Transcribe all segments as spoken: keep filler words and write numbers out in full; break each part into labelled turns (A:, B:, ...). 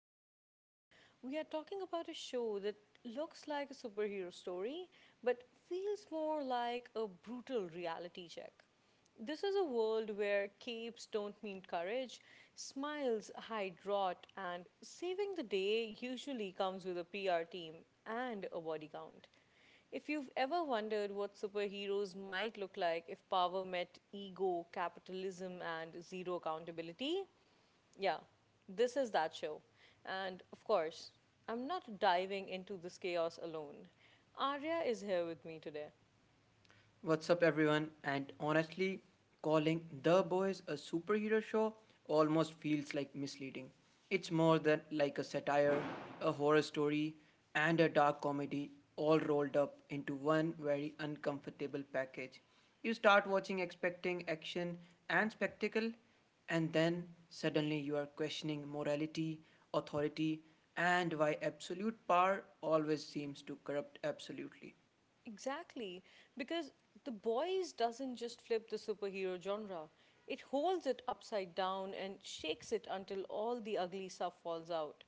A: and today we are talking about a show that looks like a superhero story but feels more like a brutal reality check. This is a world where capes don't mean courage, smiles hide rot, and saving the day usually comes with a P R team and a body count. If you've ever wondered what superheroes might look like if power met ego, capitalism, and zero accountability, yeah, this is that show. And of course, I'm not diving into this chaos alone. Arya is here with me today.
B: What's up, everyone? And honestly, calling The Boys a superhero show almost feels like misleading. It's more than like a satire, a horror story, and a dark comedy all rolled up into one very uncomfortable package. You start watching expecting action and spectacle, and then suddenly you are questioning morality, authority, and why absolute power always seems to corrupt absolutely.
A: Exactly, because The Boys doesn't just flip the superhero genre, it holds it upside down and shakes it until all the ugly stuff falls out.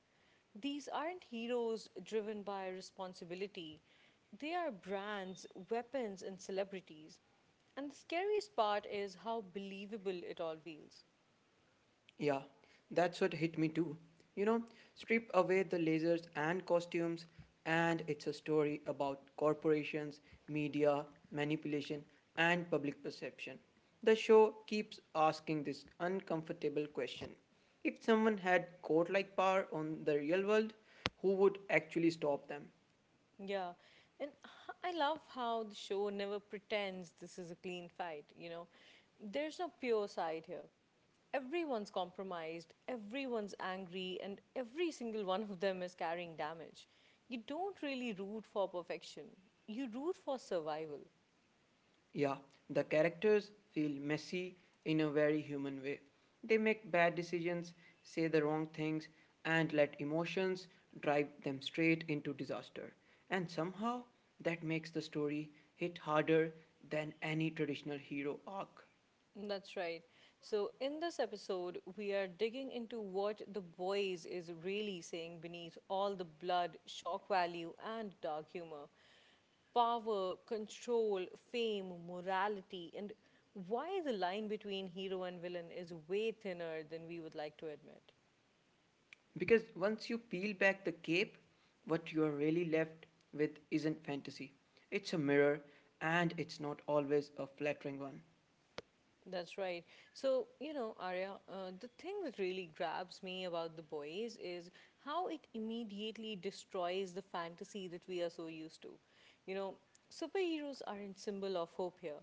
A: These aren't heroes driven by responsibility, they are brands, weapons, and celebrities. And the scariest part is how believable it all feels.
B: Yeah, that's what hit me too. You know, Strip away the lasers and costumes, and it's a story about corporations, media, manipulation, and public perception. The show keeps asking this uncomfortable question. If someone had court like power on the real world, who would actually stop them?
A: Yeah. And h- I love how the show never pretends this is a clean fight, you know. There's no pure side here. Everyone's compromised, everyone's angry, and every single one of them is carrying damage. You don't really root for perfection, you root for survival.
B: Yeah, the characters feel messy in a very human way. They make bad decisions, say the wrong things, and let emotions drive them straight into disaster. And somehow, that makes the story hit harder than any traditional hero arc.
A: That's right. So, in this episode, we are digging into what the boys is really saying beneath all the blood, shock value, and dark humor. Power, control, fame, morality, and why the line between hero and villain is way thinner than we would like to admit.
B: Because once you peel back the cape, what you are really left with isn't fantasy. It's a mirror, and it's not always a flattering one.
A: That's right. So, you know, Arya, uh, the thing that really grabs me about the boys is how it immediately destroys the fantasy that we are so used to. You know, Superheroes aren't symbol of hope here.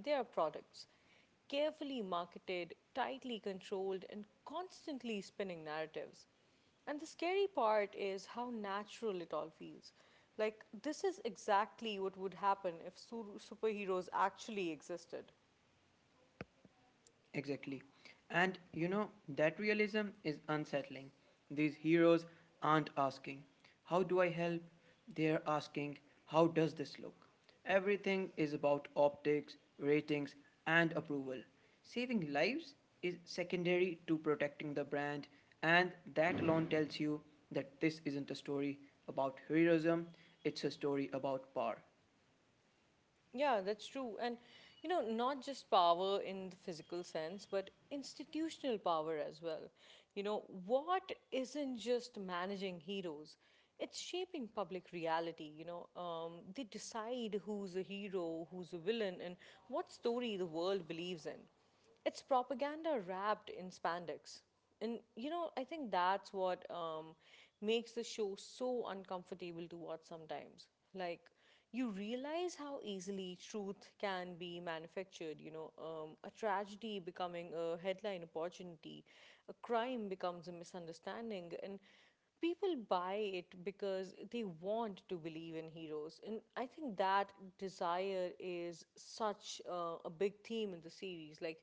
A: They are products, carefully marketed, tightly controlled, and constantly spinning narratives. And the scary part is how natural it all feels. Like, this is exactly what would happen if su- superheroes actually existed.
B: Exactly. And you know, that realism is unsettling. These heroes aren't asking, "How do I help?" They're asking, "How does this look?" Everything is about optics, ratings, and approval. Saving lives is secondary to protecting the brand, and that alone tells you that this isn't a story about heroism, it's a story about power.
A: Yeah, that's true. And, you know, not just power in the physical sense, but institutional power as well. You know, what isn't just managing heroes, it's shaping public reality. You know, um, they decide who's a hero, who's a villain, and what story the world believes in. It's propaganda wrapped in spandex. And, you know, I think that's what um, makes the show so uncomfortable to watch sometimes. Like, you realize how easily truth can be manufactured. You know, um, a tragedy becoming a headline opportunity, a crime becomes a misunderstanding, and people buy it because they want to believe in heroes. And I think that desire is such uh, a big theme in the series. Like,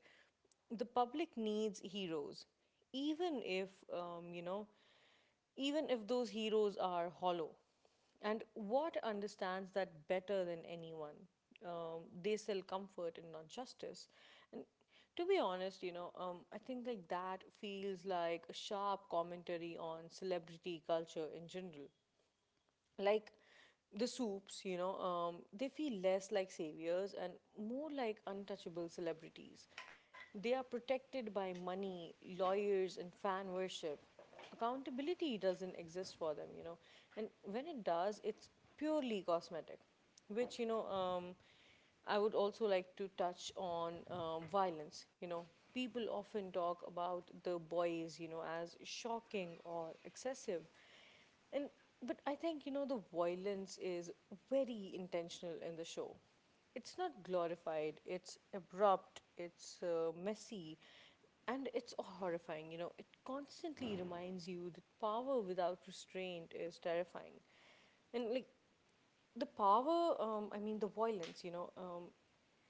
A: the public needs heroes, even if, um, you know, even if those heroes are hollow. And what understands that better than anyone? Um, they sell comfort and not justice. And to be honest, you know, um, I think like that feels like a sharp commentary on celebrity culture in general like the soups, you know, um, they feel less like saviors and more like untouchable celebrities. They are protected by money, lawyers, and fan worship. Accountability doesn't exist for them, you know, and when it does, it's purely cosmetic, which, you know, um, I would also like to touch on um, violence. You know, people often talk about the boys, you know, as shocking or excessive. And but I think you know the violence is very intentional in the show. It's not glorified. It's abrupt. It's uh, messy, and it's horrifying. You know, it constantly reminds you that power without restraint is terrifying, and like the power. Um, I mean, the violence. You know, um,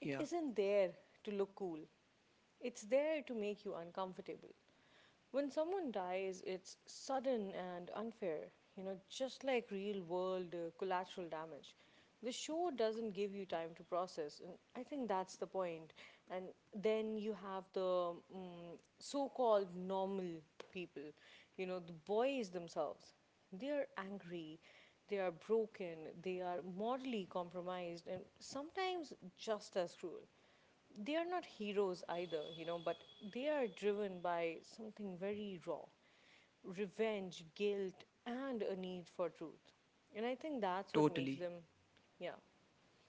A: It isn't there to look cool. It's there to make you uncomfortable. When someone dies, it's sudden and unfair, you know, just like real world uh, collateral damage. The show doesn't give you time to process, and I think that's the point. And then you have the mm so called normal people, you know, the boys themselves. They are angry, they are broken, they are morally compromised, and sometimes just as cruel they are not heroes either, you know, but they are driven by something very raw revenge, guilt, and a need for truth. And I think that's what makes
B: totally.
A: them, yeah.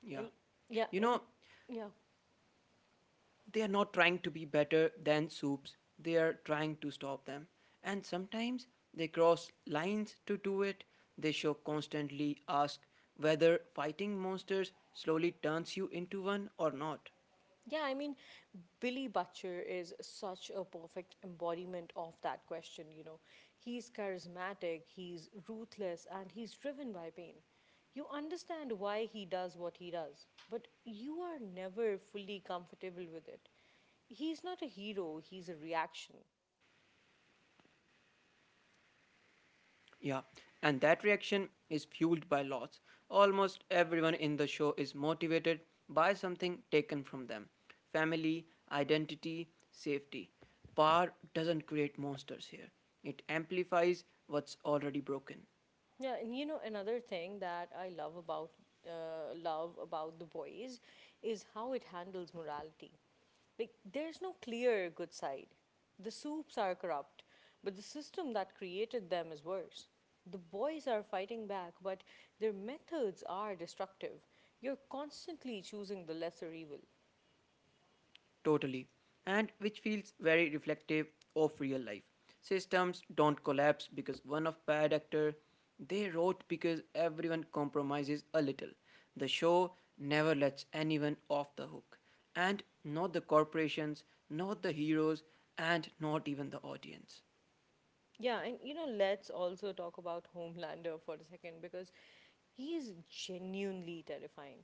B: Yeah.
A: And yeah,
B: You
A: and
B: know,
A: yeah,
B: they are not trying to be better than soups, they are trying to stop them, and sometimes they cross lines to do it. They show constantly ask whether fighting monsters slowly turns you into one or not.
A: yeah, I mean, Billy Butcher is such a perfect embodiment of that question, you know. He's charismatic, he's ruthless, and he's driven by pain. You understand why he does what he does, but you are never fully comfortable with it. He's not a hero, he's a reaction.
B: Yeah, and that reaction is fueled by loss. Almost everyone in the show is motivated by something taken from them: family, identity, safety. Power doesn't create monsters here, it amplifies what's already broken.
A: Yeah, and you know another thing that I love about uh, love about the boys is how it handles morality. Like there's no clear good side. The soups are corrupt, but the system that created them is worse. The boys are fighting back, but their methods are destructive. You're constantly choosing the lesser evil.
B: Totally. And which feels very reflective of real life. Systems don't collapse because one of bad actor, they wrote because everyone compromises a little. The show never lets anyone off the hook. And not the corporations, not the heroes, and not even the audience.
A: Yeah, and you know, let's also talk about Homelander for a second because he is genuinely terrifying.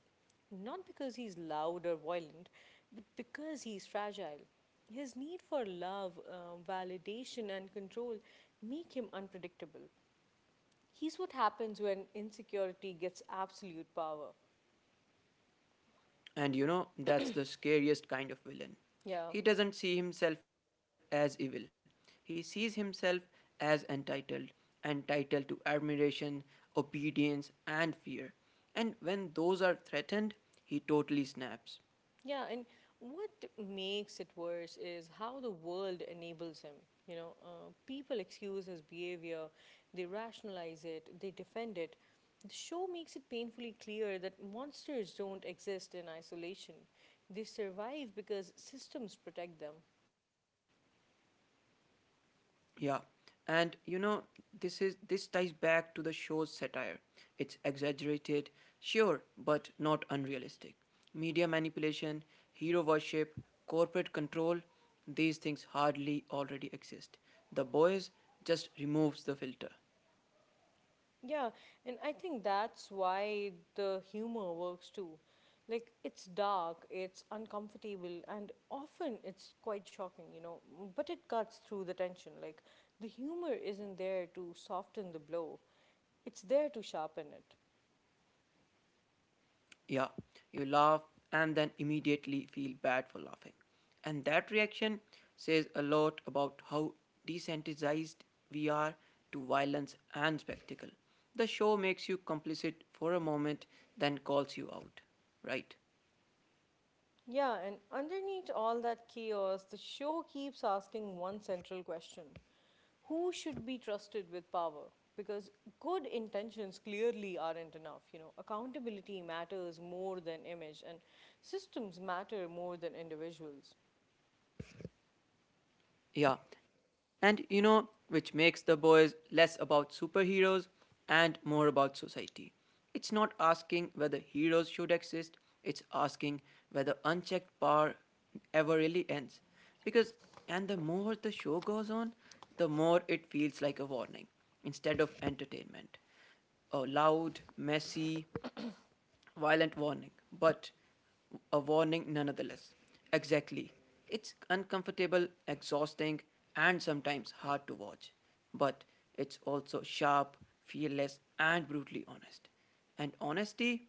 A: Not because he's loud or violent, but because he's fragile. His need for love, um, validation, and control make him unpredictable. He's what happens when insecurity gets absolute power.
B: And you know, that's the scariest kind of villain.
A: Yeah.
B: He doesn't see himself as evil, he sees himself as entitled, entitled to admiration, obedience, and fear. And when those are threatened, he totally snaps.
A: Yeah, and what makes it worse is how the world enables him. You know, uh, people excuse his behavior, they rationalize it, they defend it. The show makes it painfully clear that monsters don't exist in isolation. They survive because systems protect them.
B: Yeah, and you know this is this ties back to the show's satire. It's exaggerated, sure, but not unrealistic. Media manipulation, hero worship, corporate control, these things hardly already exist. The boys just removes the filter.
A: Yeah, and I think that's why the humor works too. Like, it's dark, it's uncomfortable, and often it's quite shocking, you know, m- but it cuts through the tension. Like, the humor isn't there to soften the blow, it's there to sharpen it.
B: Yeah, you laugh and then immediately feel bad for laughing. And that reaction says a lot about how desensitized we are to violence and spectacle. The show makes you complicit for a moment, then calls you out, right?
A: Yeah, and underneath all that chaos, the show keeps asking one central question: Who should be trusted with power? Because good intentions clearly aren't enough. You know, accountability matters more than image, and systems matter more than individuals.
B: Yeah, and you know, which makes the boys less about superheroes and more about society. It's not asking whether heroes should exist, it's asking whether unchecked power ever really ends. Because, and the more the show goes on, the more it feels like a warning instead of entertainment. Uh, loud, messy, violent warning, but a warning nonetheless. Exactly. It's uncomfortable, exhausting, and sometimes hard to watch, but it's also sharp, fearless, and brutally honest. And honesty,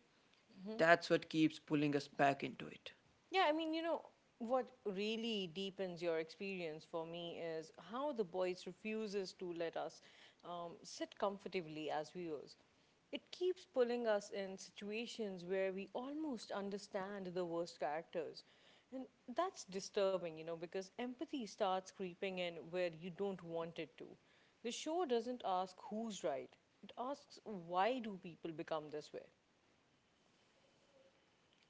B: that's what keeps pulling us back into it.
A: Yeah, I mean, you know, what really deepens your experience for me is how the voice refuses to let us um, sit comfortably as viewers. It keeps pulling us in situations where we almost understand the worst characters. And that's disturbing, you know, because empathy starts creeping in where you don't want it to. The show doesn't ask who's right, it asks why do people become this way?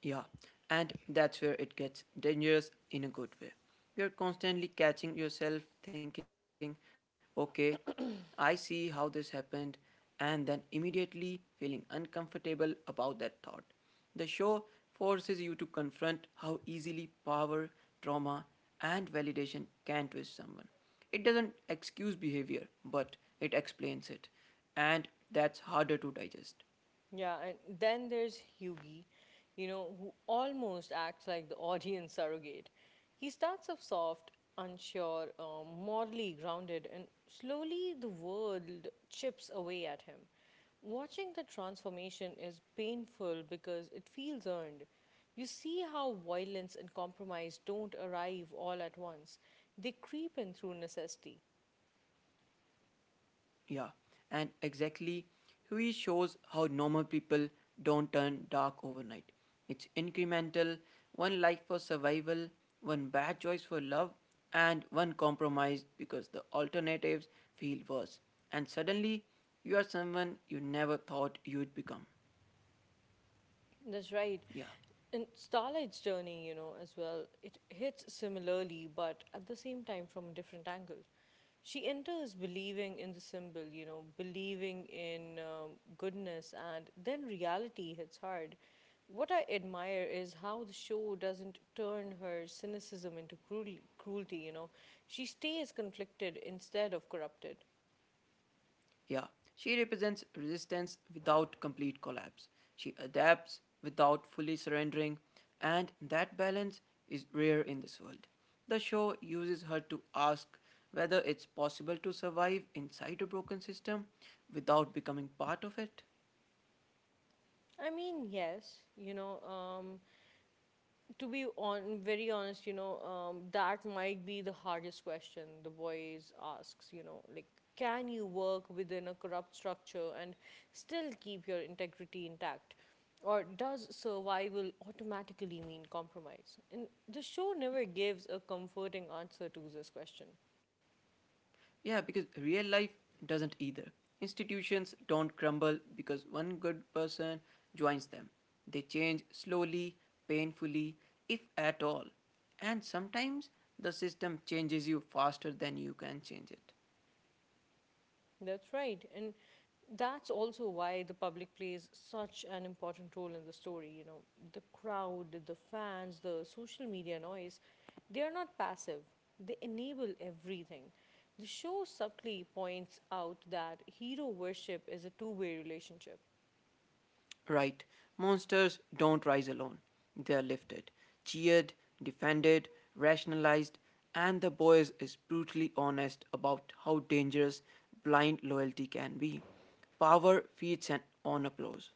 B: Yeah, and that's where it gets dangerous in a good way. You're constantly catching yourself thinking, okay, I see how this happened, and then immediately feeling uncomfortable about that thought. The show forces you to confront how easily power, trauma, and validation can twist someone. It doesn't excuse behavior, but it explains it, and that's harder to digest.
A: Yeah, and then there's Yugi, you know, who almost acts like the audience surrogate. He starts off soft, unsure, uh, morally grounded, and slowly the world chips away at him. Watching the transformation is painful because it feels earned. You see how violence and compromise don't arrive all at once, they creep in through necessity.
B: Yeah, and exactly, he shows how normal people don't turn dark overnight. It's incremental, one life for survival, one bad choice for love, and one compromise because the alternatives feel worse. And suddenly, you are someone you never thought you'd become.
A: That's right.
B: Yeah.
A: And Starlight's journey, you know, as well, it hits similarly, but at the same time from a different angle. She enters believing in the symbol, you know, believing in um, goodness, and then reality hits hard. What I admire is how the show doesn't turn her cynicism into cruel- cruelty, you know. She stays conflicted instead of corrupted.
B: Yeah, she represents resistance without complete collapse. She adapts without fully surrendering, and that balance is rare in this world. The show uses her to ask whether it's possible to survive inside a broken system without becoming part of it.
A: I mean, yes, you know, um, to be on very honest, you know, um, that might be the hardest question the boys asks. You know, like, can you work within a corrupt structure and still keep your integrity intact, or does survival automatically mean compromise? And the show never gives a comforting answer to this question.
B: Yeah, because real life doesn't either. Institutions don't crumble because one good person joins them. They change slowly, painfully, if at all. And sometimes the system changes you faster than you can change it.
A: That's right. And that's also why the public plays such an important role in the story. You know, the crowd, the fans, the social media noise, they are not passive, they enable everything. The show subtly points out that hero worship is a two way relationship.
B: Right, monsters don't rise alone. They are lifted, cheered, defended, rationalized, and the boys is brutally honest about how dangerous blind loyalty can be. Power feeds an, on applause.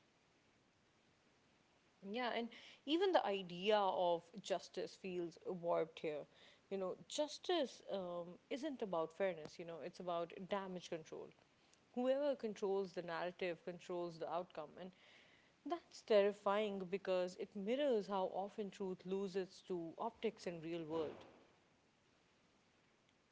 A: Yeah, and even the idea of justice feels warped here. You know, justice um, isn't about fairness, you know, it's about damage control. Whoever controls the narrative controls the outcome. And that's terrifying because it mirrors how often truth loses to optics in real world.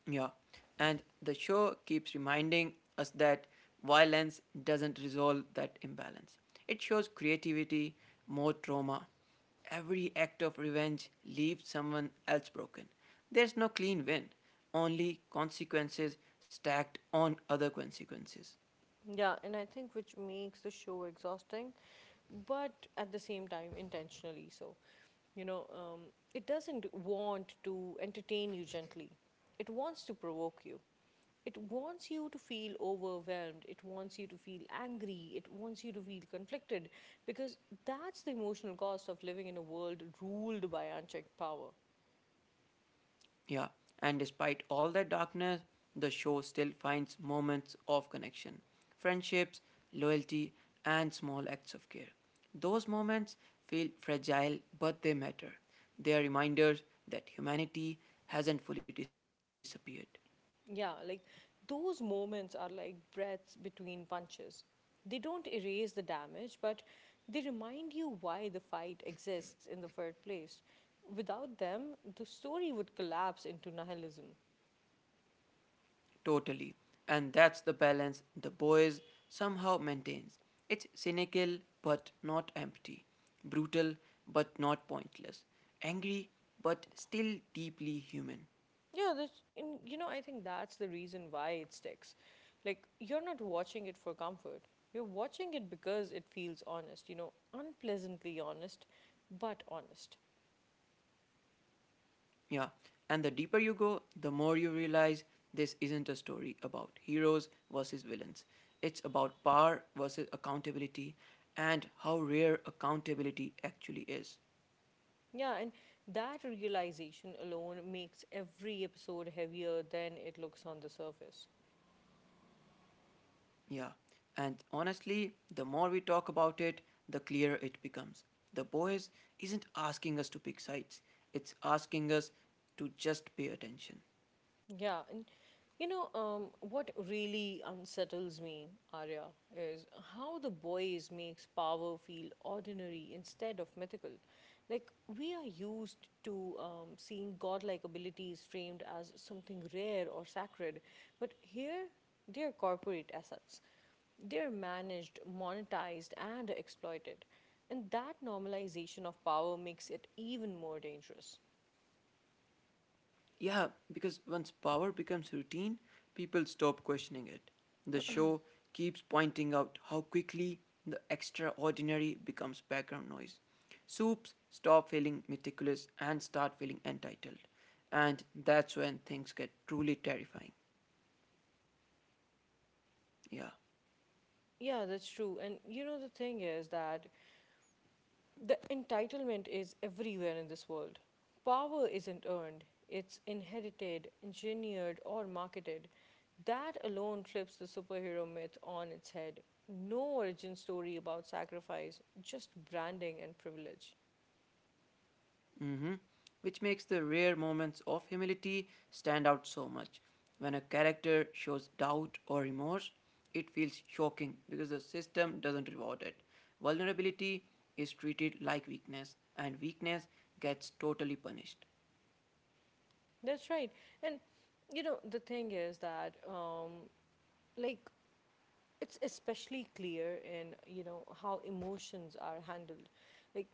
B: Yeah, and the show keeps reminding us that violence doesn't resolve that imbalance. It shows creativity, more trauma. Every act of revenge leaves someone else broken. There's no clean win, only consequences stacked on other consequences.
A: Yeah, and I think which makes the show exhausting, but at the same time intentionally so. You know, um, it doesn't want to entertain you gently. It wants to provoke you. It wants you to feel overwhelmed. It wants you to feel angry. It wants you to feel conflicted because that's the emotional cost of living in a world ruled by unchecked power.
B: Yeah, and despite all that darkness, the show still finds moments of connection, friendships, loyalty, and small acts of care. Those moments feel fragile, but they matter. They are reminders that humanity hasn't fully disappeared.
A: Yeah, like those moments are like breaths between punches. They don't erase the damage, but they remind you why the fight exists in the first place. Without them, the story would collapse into nihilism.
B: Totally, and that's the balance the boys somehow maintains. It's cynical but not empty, brutal but not pointless, angry but still deeply human.
A: Yeah, that's, and you know, I think that's the reason why it sticks. Like, you're not watching it for comfort. You're watching it because it feels honest, you know, unpleasantly honest, but honest.
B: Yeah, and the deeper you go, the more you realize this isn't a story about heroes versus villains. It's about power versus accountability and how rare accountability actually is.
A: Yeah, and that realization alone makes every episode heavier than it looks on the surface.
B: Yeah, and honestly, the more we talk about it, the clearer it becomes. The boys isn't asking us to pick sides, it's asking us to just pay attention.
A: Yeah, and you know, um, what really unsettles me, Arya, is how the boys makes power feel ordinary instead of mythical. Like we are used to um, seeing godlike abilities framed as something rare or sacred, but here they are corporate assets. They're managed, monetized, and exploited. And that normalization of power makes it even more dangerous.
B: Yeah, because once power becomes routine, people stop questioning it. The show keeps pointing out how quickly the extraordinary becomes background noise. Soups stop feeling meticulous and start feeling entitled. And that's when things get truly terrifying. Yeah.
A: Yeah, that's true. And you know, the thing is that The entitlement is everywhere in this world. Power isn't earned, it's inherited, engineered, or marketed. That alone flips the superhero myth on its head. No origin story about sacrifice, just branding and privilege.
B: Mhm. Which makes the rare moments of humility stand out so much. When a character shows doubt or remorse, it feels shocking because the system doesn't reward it. Vulnerability is treated like weakness, and weakness gets totally punished.
A: That's right. And you know, the thing is that, um, like, it's especially clear in you know how emotions are handled, like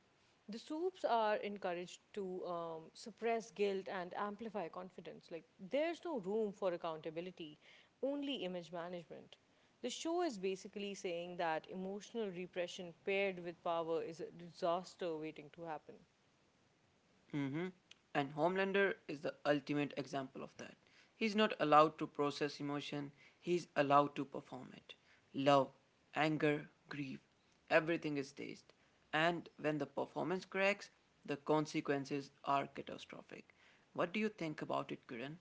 A: the soups are encouraged to um, suppress guilt and amplify confidence. Like, there's no room for accountability, only image management. The show is basically saying that emotional repression paired with power is a disaster waiting to happen.
B: Mm-hmm. And Homelander is the ultimate example of that. He's not allowed to process emotion, he's allowed to perform it. Love, anger, grief, everything is staged. And when the performance cracks, the consequences are catastrophic. What do you think about it, Kiran?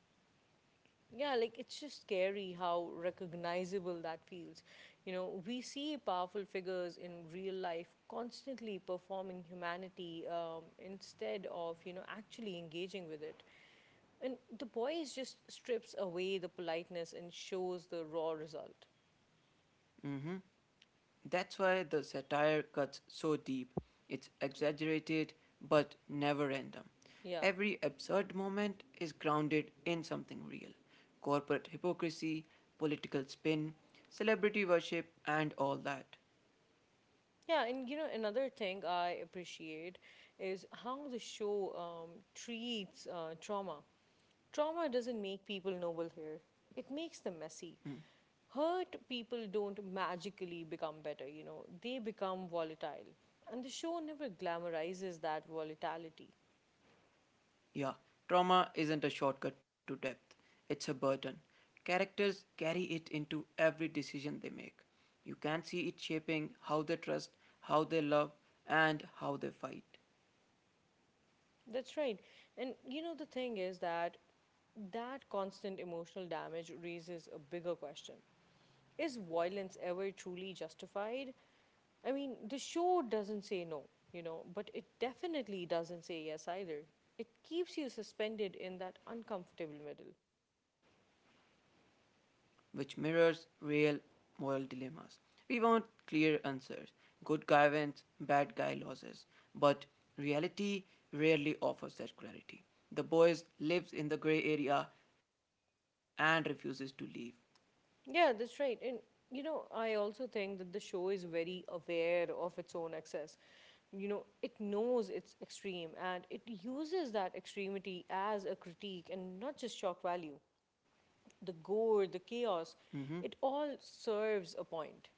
A: Yeah, like it's just scary how recognizable that feels. You know we see powerful figures in real life constantly performing humanity, um, instead of you know actually engaging with it. And The Boys just strips away the politeness and shows the raw result.
B: Mm-hmm. That's why the satire cuts so deep. It's exaggerated but never random.
A: Yeah.
B: Every absurd moment is grounded in something real: corporate hypocrisy, political spin, celebrity worship, and all that.
A: Yeah, and you know, another thing I appreciate is how the show um, treats uh, trauma. Trauma doesn't make people noble here, it makes them messy. Hurt people don't magically become better, you know, they become volatile. And the show never glamorizes that volatility.
B: Yeah, trauma isn't a shortcut to depth, it's a burden. Characters carry it into every decision they make. You can see it shaping how they trust, how they love, and how they fight.
A: That's right. And you know, the thing is that That constant emotional damage raises a bigger question: is violence ever truly justified? I mean, the show doesn't say no, you know, but it definitely doesn't say yes either. It keeps you suspended in that uncomfortable middle.
B: Which mirrors real moral dilemmas. We want clear answers, good guy wins, bad guy loses, but reality rarely offers that clarity. The boy lives in the gray area and refuses to leave.
A: Yeah, that's right. And, you know, I also think that the show is very aware of its own excess. You know, it knows it's extreme and it uses that extremity as a critique and not just shock value. The gore, the
B: Hmm.
A: chaos, it all serves a point.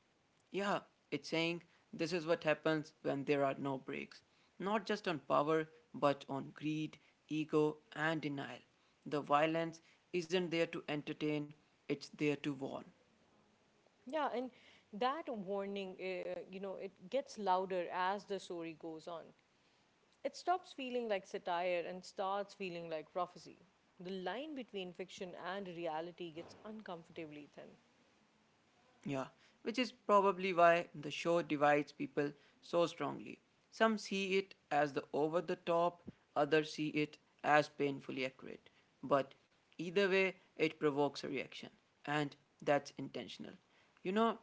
B: Yeah, it's saying this is what happens when there are no breaks, not just on power, but on greed, ego, and denial. The violence isn't there to entertain, it's there to warn.
A: Yeah, and that warning, uh, you know, it gets louder as the story goes on. It stops feeling like satire and starts feeling like prophecy. The line between fiction and reality gets uncomfortably thin.
B: Yeah, which is probably why the show divides people so strongly. Some see it as the over the top, others see it as painfully accurate. But either way, it provokes a reaction, and that's intentional. You know,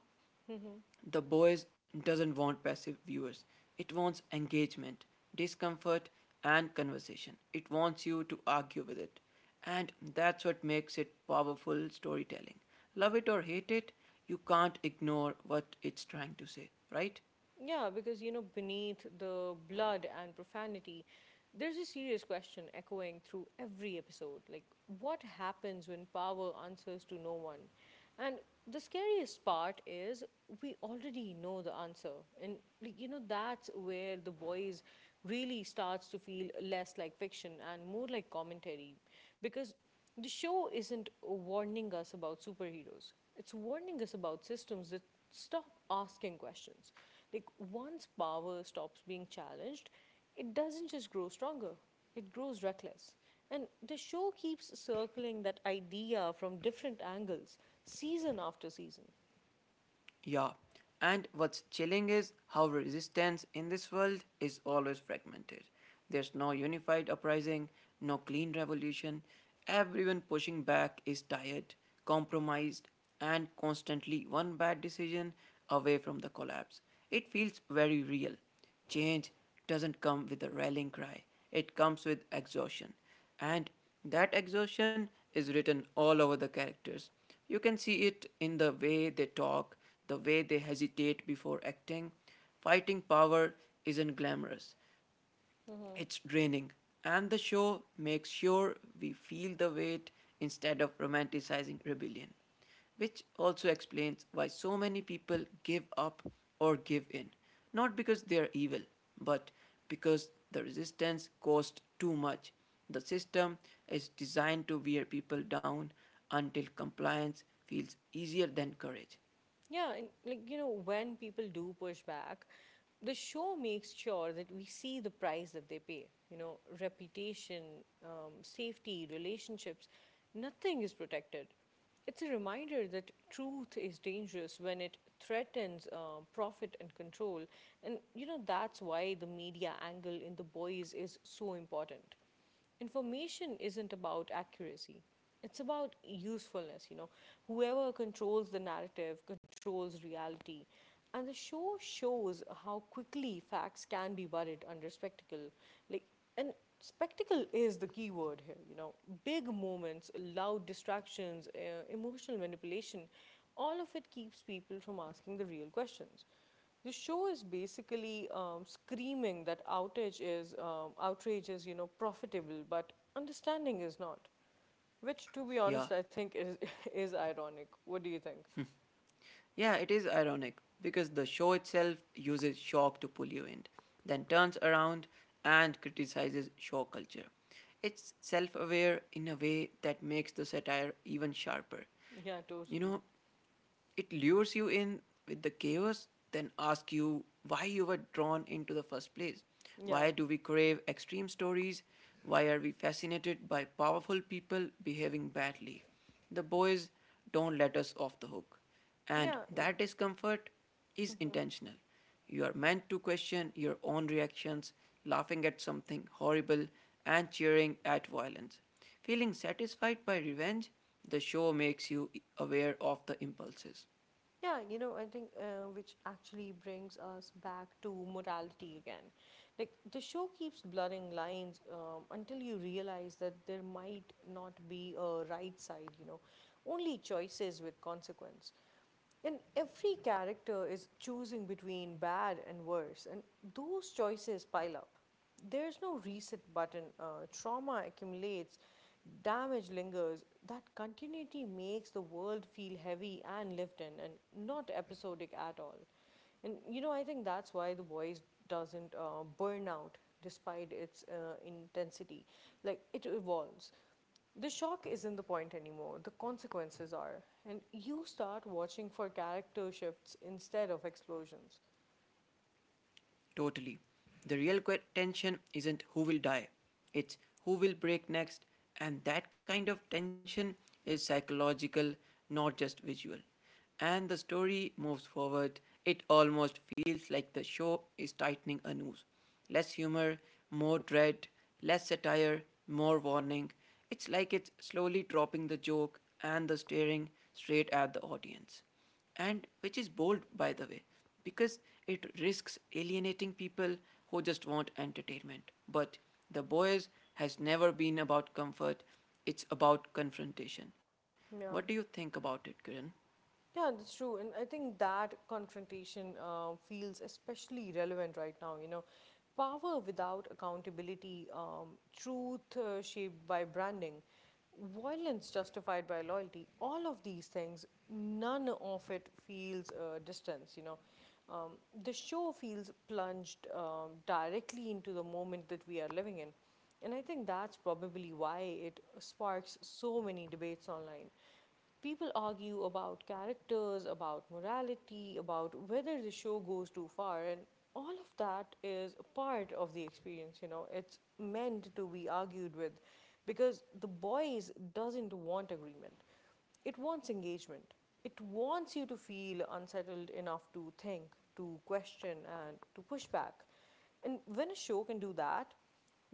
A: Hmm.
B: the boys doesn't want passive viewers. It wants engagement, discomfort, and conversation. It wants you to argue with it. And that's what makes it powerful storytelling. Love it or hate it, you can't ignore what it's trying to say, right?
A: Yeah, because, you know, beneath the blood and profanity, there's a serious question echoing through every episode. Like, what happens when power answers to no one? And the scariest part is we already know the answer. And like, you know, that's where The Boys really starts to feel less like fiction and more like commentary. Because the show isn't warning us about superheroes. It's warning us about systems that stop asking questions. Like, once power stops being challenged, it doesn't just grow stronger, it grows reckless. And the show keeps circling that idea from different angles, season after season.
B: Yeah, and what's chilling is how resistance in this world is always fragmented. There's no unified uprising, no clean revolution. Everyone pushing back is tired, compromised, and constantly one bad decision away from the collapse. It feels very real. Change doesn't come with a rallying cry, it comes with exhaustion. And that exhaustion is written all over the characters. You can see it in the way they talk, the way they hesitate before acting. Fighting power isn't glamorous,
A: Mm-hmm.
B: it's draining, and the show makes sure we feel the weight instead of romanticizing rebellion, which also explains why so many people give up or give in. Not because they are evil, but because the resistance costs too much. The system is designed to wear people down until compliance feels easier than courage.
A: Yeah, and like, you know, when people do push back, the show makes sure that we see the price that they pay. You know, reputation, um, safety, relationships, nothing is protected. It's a reminder that truth is dangerous when it threatens uh, profit and control. And, you know, that's why the media angle in The Boys is so important. Information isn't about accuracy, it's about usefulness. You know, whoever controls the narrative controls reality. And the show shows how quickly facts can be buried under spectacle. Like, and spectacle is the key word here, you know, big moments, loud distractions, uh, emotional manipulation, all of it keeps people from asking the real questions. The show is basically um, screaming that outage is um, outrage is you know profitable, but understanding is not. Which, to be
B: Yeah.
A: honest, I think is is ironic. What do you think?
B: Yeah, it is ironic because the show itself uses shock to pull you in, then turns around and criticizes show culture. It's self aware in a way that makes the satire even sharper.
A: Yeah,
B: You
A: totally.
B: know, it lures you in with the chaos, then asks you why you were drawn into the first place. Why
A: Yeah,
B: do we crave extreme stories? Why are we fascinated by powerful people behaving badly? The boys don't let us off the hook. And
A: yeah.
B: that discomfort is
A: Mhm.
B: intentional. You are meant to question your own reactions, laughing at something horrible and cheering at violence. Feeling satisfied by revenge, the show makes you aware of the impulses.
A: Yeah, you know, I think uh, which actually brings us back to morality again. Like, the show keeps blurring lines um, until you realize that there might not be a right side, you know, only choices with consequence. And every character is choosing between bad and worse, and those choices pile up. There's no reset button. Uh, trauma accumulates, damage lingers. That continuity makes the world feel heavy and lived in, and not episodic at all. And you know, I think that's why The Voice doesn't uh, burn out despite its uh, intensity. Like, it evolves. The shock isn't the point anymore, the consequences are. And you start watching for character shifts instead of explosions.
B: Totally. The real tension isn't who will die, it's who will break next, and that kind of tension is psychological, not just visual. And the story moves forward. It almost feels like the show is tightening a noose. Less humor, more dread, less satire, more warning. It's like it's slowly dropping the joke and the staring straight at the audience and which is bold, by the way, because it risks alienating people who just want entertainment. But The Boys has never been about comfort, it's about confrontation. What do you
A: Yeah.
B: think about it, Kiran?
A: Yeah, that's true. And I think that confrontation uh, feels especially relevant right now. You know, power without accountability, um, truth uh, shaped by branding, violence justified by loyalty, all of these things, none of it feels uh, distance, you know. Um, the show feels plunged um, directly into the moment that we are living in. And I think that's probably why it sparks so many debates online. People argue about characters, about morality, about whether the show goes too far, and all of that is a part of the experience, you know. It's meant to be argued with because The Boys doesn't want agreement. It wants engagement. It wants you to feel unsettled enough to think, to question, and to push back. And when a show can do that,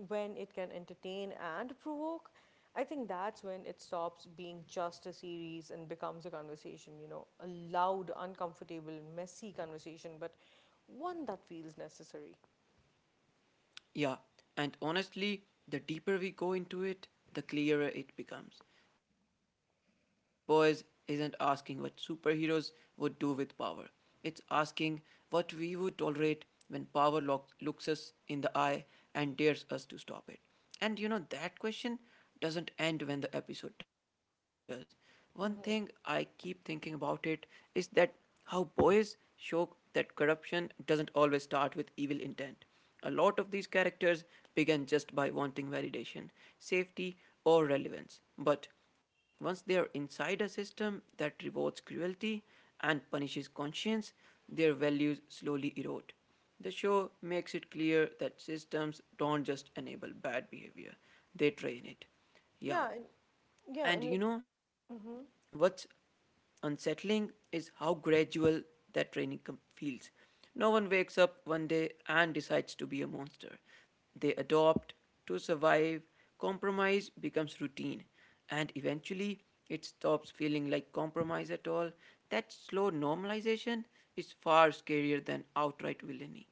A: when it can entertain and provoke, I think that's when it stops being just a series and becomes a conversation, you know, a loud, uncomfortable, messy conversation, but one that feels necessary.
B: Yeah, and honestly, the deeper we go into it, the clearer it becomes. The Boys isn't asking what superheroes would do with power. It's asking what we would tolerate when power lo- looks us in the eye and dares us to stop it. And you know, that question doesn't end when the episode does. One thing I
A: Hmm.
B: keep thinking about it is that how Boys show that corruption doesn't always start with evil intent. A lot of these characters begin just by wanting validation, safety, or relevance. But once they are inside a system that rewards cruelty and punishes conscience, their values slowly erode. The show makes it clear that systems don't just enable bad behavior, they train it.
A: Yeah, and
B: Yeah.
A: yeah, and like,
B: And you know
A: hmm.
B: what's unsettling is how gradual that training com- feels. No one wakes up one day and decides to be a monster. They adopt to survive, compromise becomes routine, and eventually it stops feeling like compromise at all. That slow normalization is far scarier than outright villainy.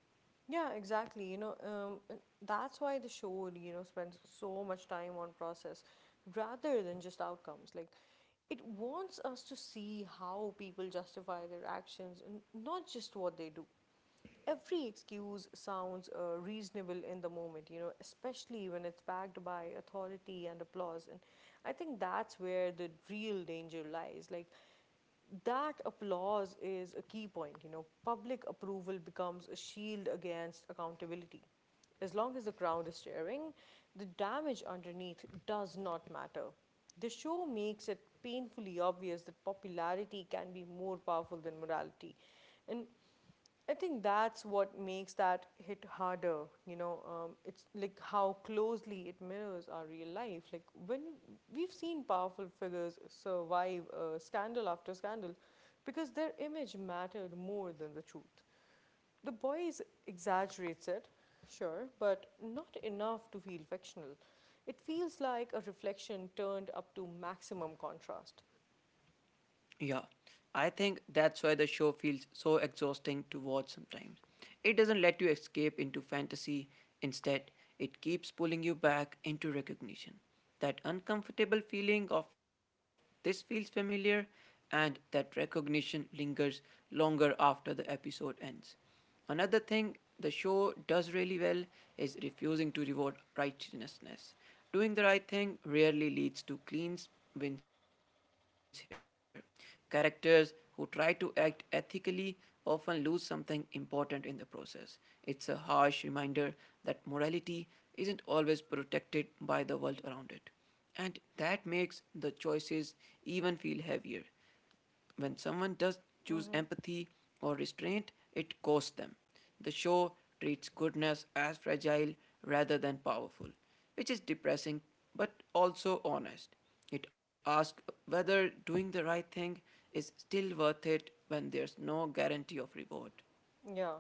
A: Yeah, exactly. You know, um, and that's why the show, you know, spends so much time on process rather than just outcomes. Like, it wants us to see how people justify their actions and not just what they do. Every excuse sounds uh, reasonable in the moment, you know, especially when it's backed by authority and applause. And I think that's where the real danger lies. Like, that applause is a key point, you know, public approval becomes a shield against accountability. As long as the crowd is staring, the damage underneath does not matter. The show makes it painfully obvious that popularity can be more powerful than morality. And I think that's what makes that hit harder. You know, um, it's like how closely it mirrors our real life. Like, when we've seen powerful figures survive uh, scandal after scandal because their image mattered more than the truth. The Boys exaggerates it, sure, but not enough to feel fictional. It feels like a reflection turned up to maximum contrast.
B: Yeah, I think that's why the show feels so exhausting to watch sometimes. It doesn't let you escape into fantasy, instead, it keeps pulling you back into recognition. That uncomfortable feeling of this feels familiar, and that recognition lingers longer after the episode ends. Another thing the show does really well is refusing to reward righteousness. Doing the right thing rarely leads to clean wins here. Characters who try to act ethically often lose something important in the process. It's a harsh reminder that morality isn't always protected by the world around it. And that makes the choices even feel heavier when someone does choose empathy or restraint, it costs them. The show treats goodness as fragile rather than powerful, which is depressing but also honest. It asks whether doing the right thing is still worth it when there's no guarantee of reward.
A: Yeah.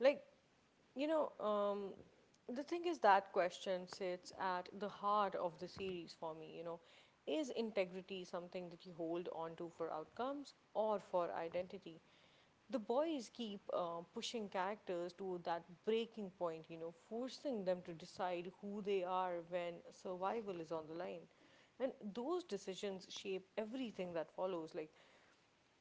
A: Like, you know, um, the thing is that question sits at the heart of the series for me, you know. Is integrity something that you hold on to for outcomes or for identity? The Boys keep uh, pushing characters to that breaking point, you know, forcing them to decide who they are when survival is on the line. And those decisions shape everything that follows. Like,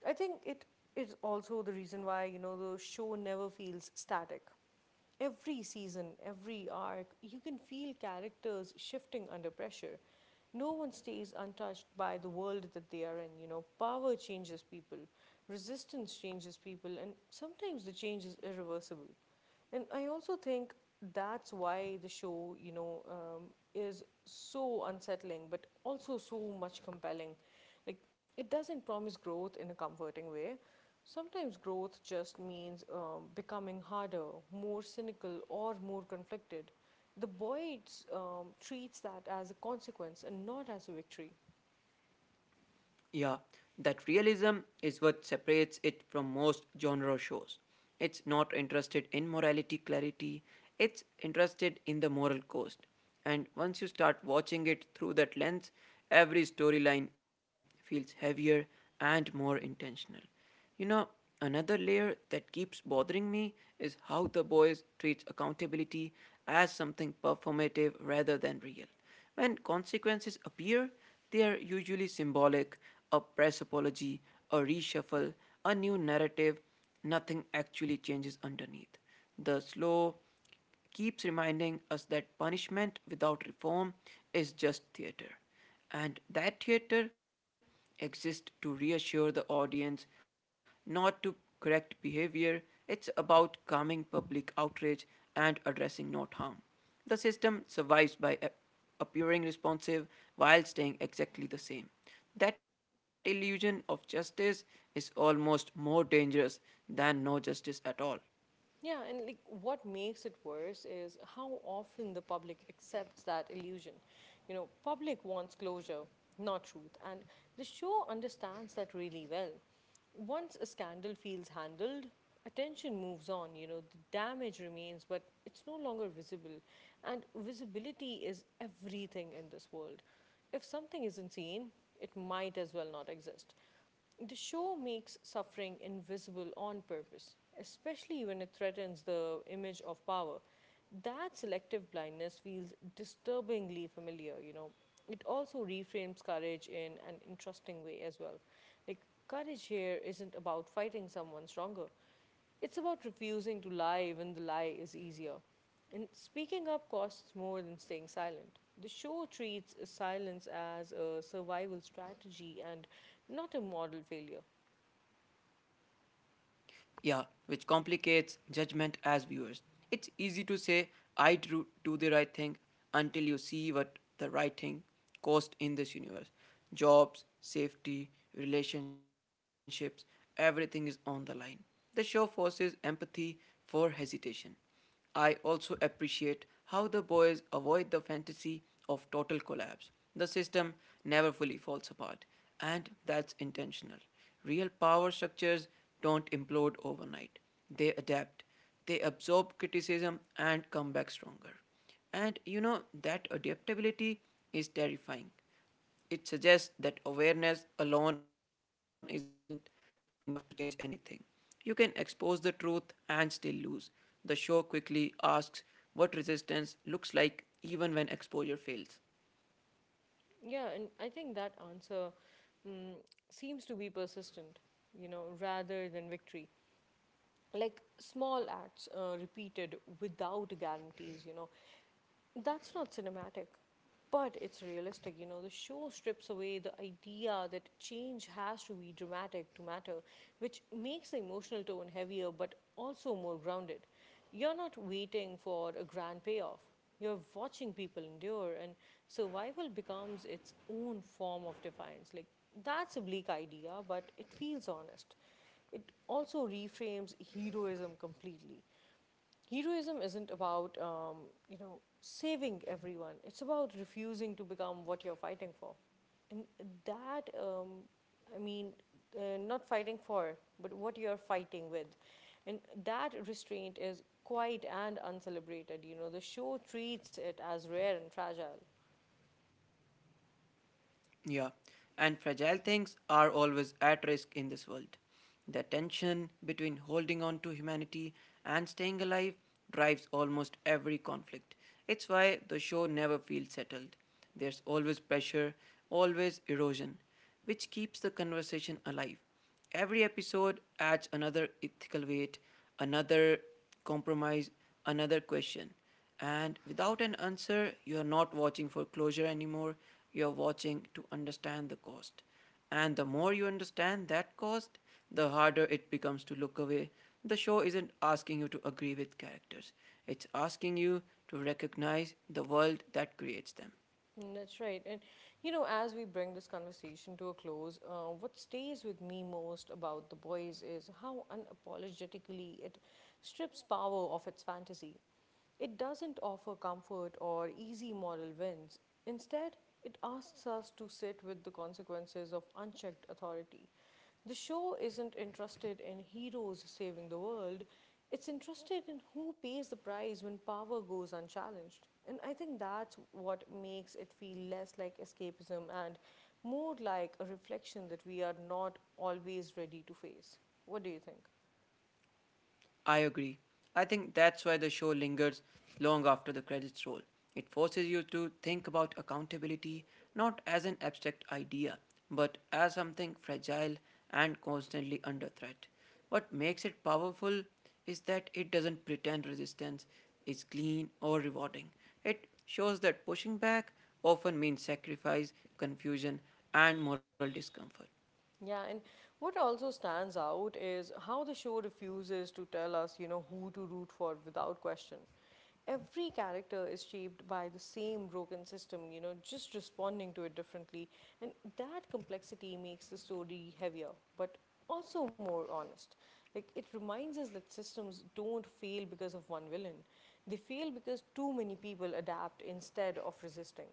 A: I think it is also the reason why, you know, the show never feels static. Every season, every arc, you can feel characters shifting under pressure. No one stays untouched by the world that they are in. You know, power changes people, resistance changes people, and sometimes the change is irreversible. And I also think that's why the show, you know, um, is so unsettling, but also so much compelling. Like, like, it doesn't promise growth in a comforting way. Sometimes growth just means um, becoming harder, more cynical, or more conflicted. The Boyd um, treats that as a consequence and not as a victory.
B: Yeah, that realism is what separates it from most genre shows. It's not interested in morality clarity, it's interested in the moral cost. And once you start watching it through that lens, every storyline feels heavier and more intentional. You know, another layer that keeps bothering me is how the Boys treat accountability as something performative rather than real. When consequences appear, they are usually symbolic a press apology, a reshuffle, a new narrative. Nothing actually changes underneath. The slow, keeps reminding us that punishment without reform is just theater. And that theater exists to reassure the audience, not to correct behavior. It's about calming public outrage and addressing not harm. The system survives by appearing responsive while staying exactly the same. That illusion of justice is almost more dangerous than no justice at all.
A: Yeah, and like, what makes it worse is how often the public accepts that illusion. You know, public wants closure, not truth, and the show understands that really well. Once a scandal feels handled, attention moves on, you know, the damage remains, but it's no longer visible. And visibility is everything in this world. If something isn't seen, it might as well not exist. The show makes suffering invisible on purpose, especially when it threatens the image of power. That selective blindness feels disturbingly familiar, you know. It also reframes courage in an interesting way as well. Like, courage here isn't about fighting someone stronger, it's about refusing to lie when the lie is easier. And speaking up costs more than staying silent. The show treats silence as a survival strategy and not a moral failure.
B: Yeah, which complicates judgment as viewers. It's easy to say, I do, do the right thing until you see what the right thing cost in this universe. Jobs, safety, relationships, everything is on the line. The show forces empathy for hesitation. I also appreciate how the Boys avoid the fantasy of total collapse. The system never fully falls apart, and that's intentional. Real power structures don't implode overnight, they adapt, they absorb criticism and come back stronger. And you know, that adaptability is terrifying it suggests that awareness alone isn't enough to change anything. You can expose the truth and still lose. The show quickly asks what resistance looks like even when exposure fails.
A: Yeah, and I think that answer, mm, seems to be persistent, you know, rather than victory. Like, small acts uh, repeated without guarantees, you know, That's not cinematic, but it's realistic. You know, the show strips away the idea that change has to be dramatic to matter, which makes the emotional tone heavier but also more grounded. You're not waiting for a grand payoff. You're watching people endure, and survival becomes its own form of defiance. Like, that's a bleak idea, but it feels honest. It also reframes heroism completely. Heroism isn't about um, you know saving everyone, it's about refusing to become what you're fighting for. And that um, I mean, uh, not fighting for, but what you're fighting with. And that restraint is quite and uncelebrated. You know the show treats it as rare and fragile.
B: Yeah, and fragile things are always at risk in this world. The tension between holding on to humanity and staying alive drives almost every conflict. It's why the show never feels settled. There's always pressure, always erosion, which keeps the conversation alive. Every episode adds another ethical weight, another compromise, another question. And without an answer, you are not watching for closure anymore. You are watching to understand the cost. And the more you understand that cost, the harder it becomes to look away. The show isn't asking you to agree with characters, it's asking you to recognize the world that creates them.
A: Mm. That's right. And you know, as we bring this conversation to a close, uh, what stays with me most about The Boys is how unapologetically it strips power of its fantasy. It doesn't offer comfort or easy moral wins. Instead, it asks us to sit with the consequences of unchecked authority. The show isn't interested in heroes saving the world, it's interested in who pays the price when power goes unchallenged. And I think that's what makes it feel less like escapism and more like a reflection that we are not always ready to face. What do you think?
B: I agree. I think that's why the show lingers long after the credits roll. It forces you to think about accountability not as an abstract idea, but as something fragile and constantly under threat. What makes it powerful is that it doesn't pretend resistance is clean or rewarding. It shows that pushing back often means sacrifice, confusion, and moral discomfort.
A: Yeah, and what also stands out is how the show refuses to tell us, you know, who to root for without question. Every character is shaped by the same broken system, you know, just responding to it differently. And that complexity makes the story heavier, but also more honest. Like, it reminds us that systems don't fail because of one villain, they fail because too many people adapt instead of resisting.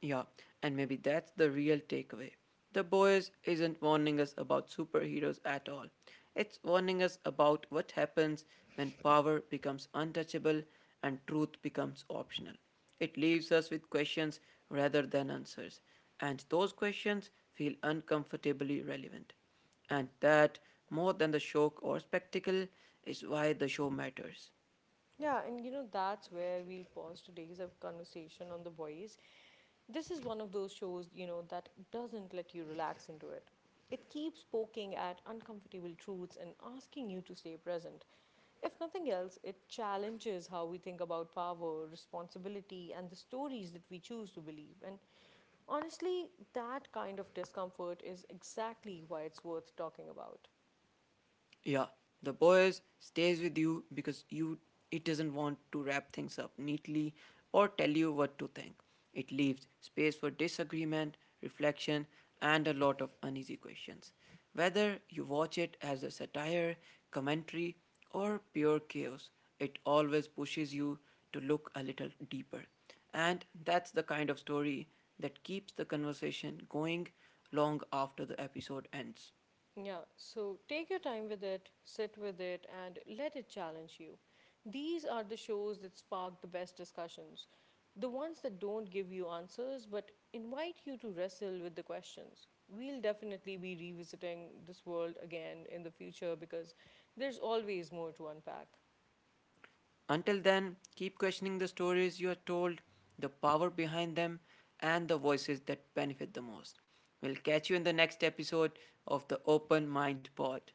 B: Yeah, and maybe that's the real takeaway. The Boys isn't warning us about superheroes at all. It's warning us about what happens when power becomes untouchable and truth becomes optional. It leaves us with questions rather than answers, and those questions feel uncomfortably relevant. And that, more than the shock or spectacle, is why the show matters.
A: Yeah, and you know, that's where we'll pause today's uh, conversation on The Boys. This is one of those shows, you know, that doesn't let you relax into it. It keeps poking at uncomfortable truths and asking you to stay present. If nothing else, it challenges how we think about power, responsibility, and the stories that we choose to believe. And honestly, that kind of discomfort is exactly why it's worth talking about.
B: Yeah, the Boys stays with you because you it doesn't want to wrap things up neatly or tell you what to think. It leaves space for disagreement, reflection, and a lot of uneasy questions. Whether you watch it as a satire, commentary, or pure chaos, it always pushes you to look a little deeper. And that's the kind of story that keeps the conversation going long after the episode ends.
A: Yeah, so take your time with it, sit with it, and let it challenge you. These are the shows that spark the best discussions, the ones that don't give you answers but invite you to wrestle with the questions. We'll definitely be revisiting this world again in the future because there's always more to unpack.
B: Until then, keep questioning the stories you are told, the power behind them, and the voices that benefit the most. We'll catch you in the next episode of the Open Mind Pod.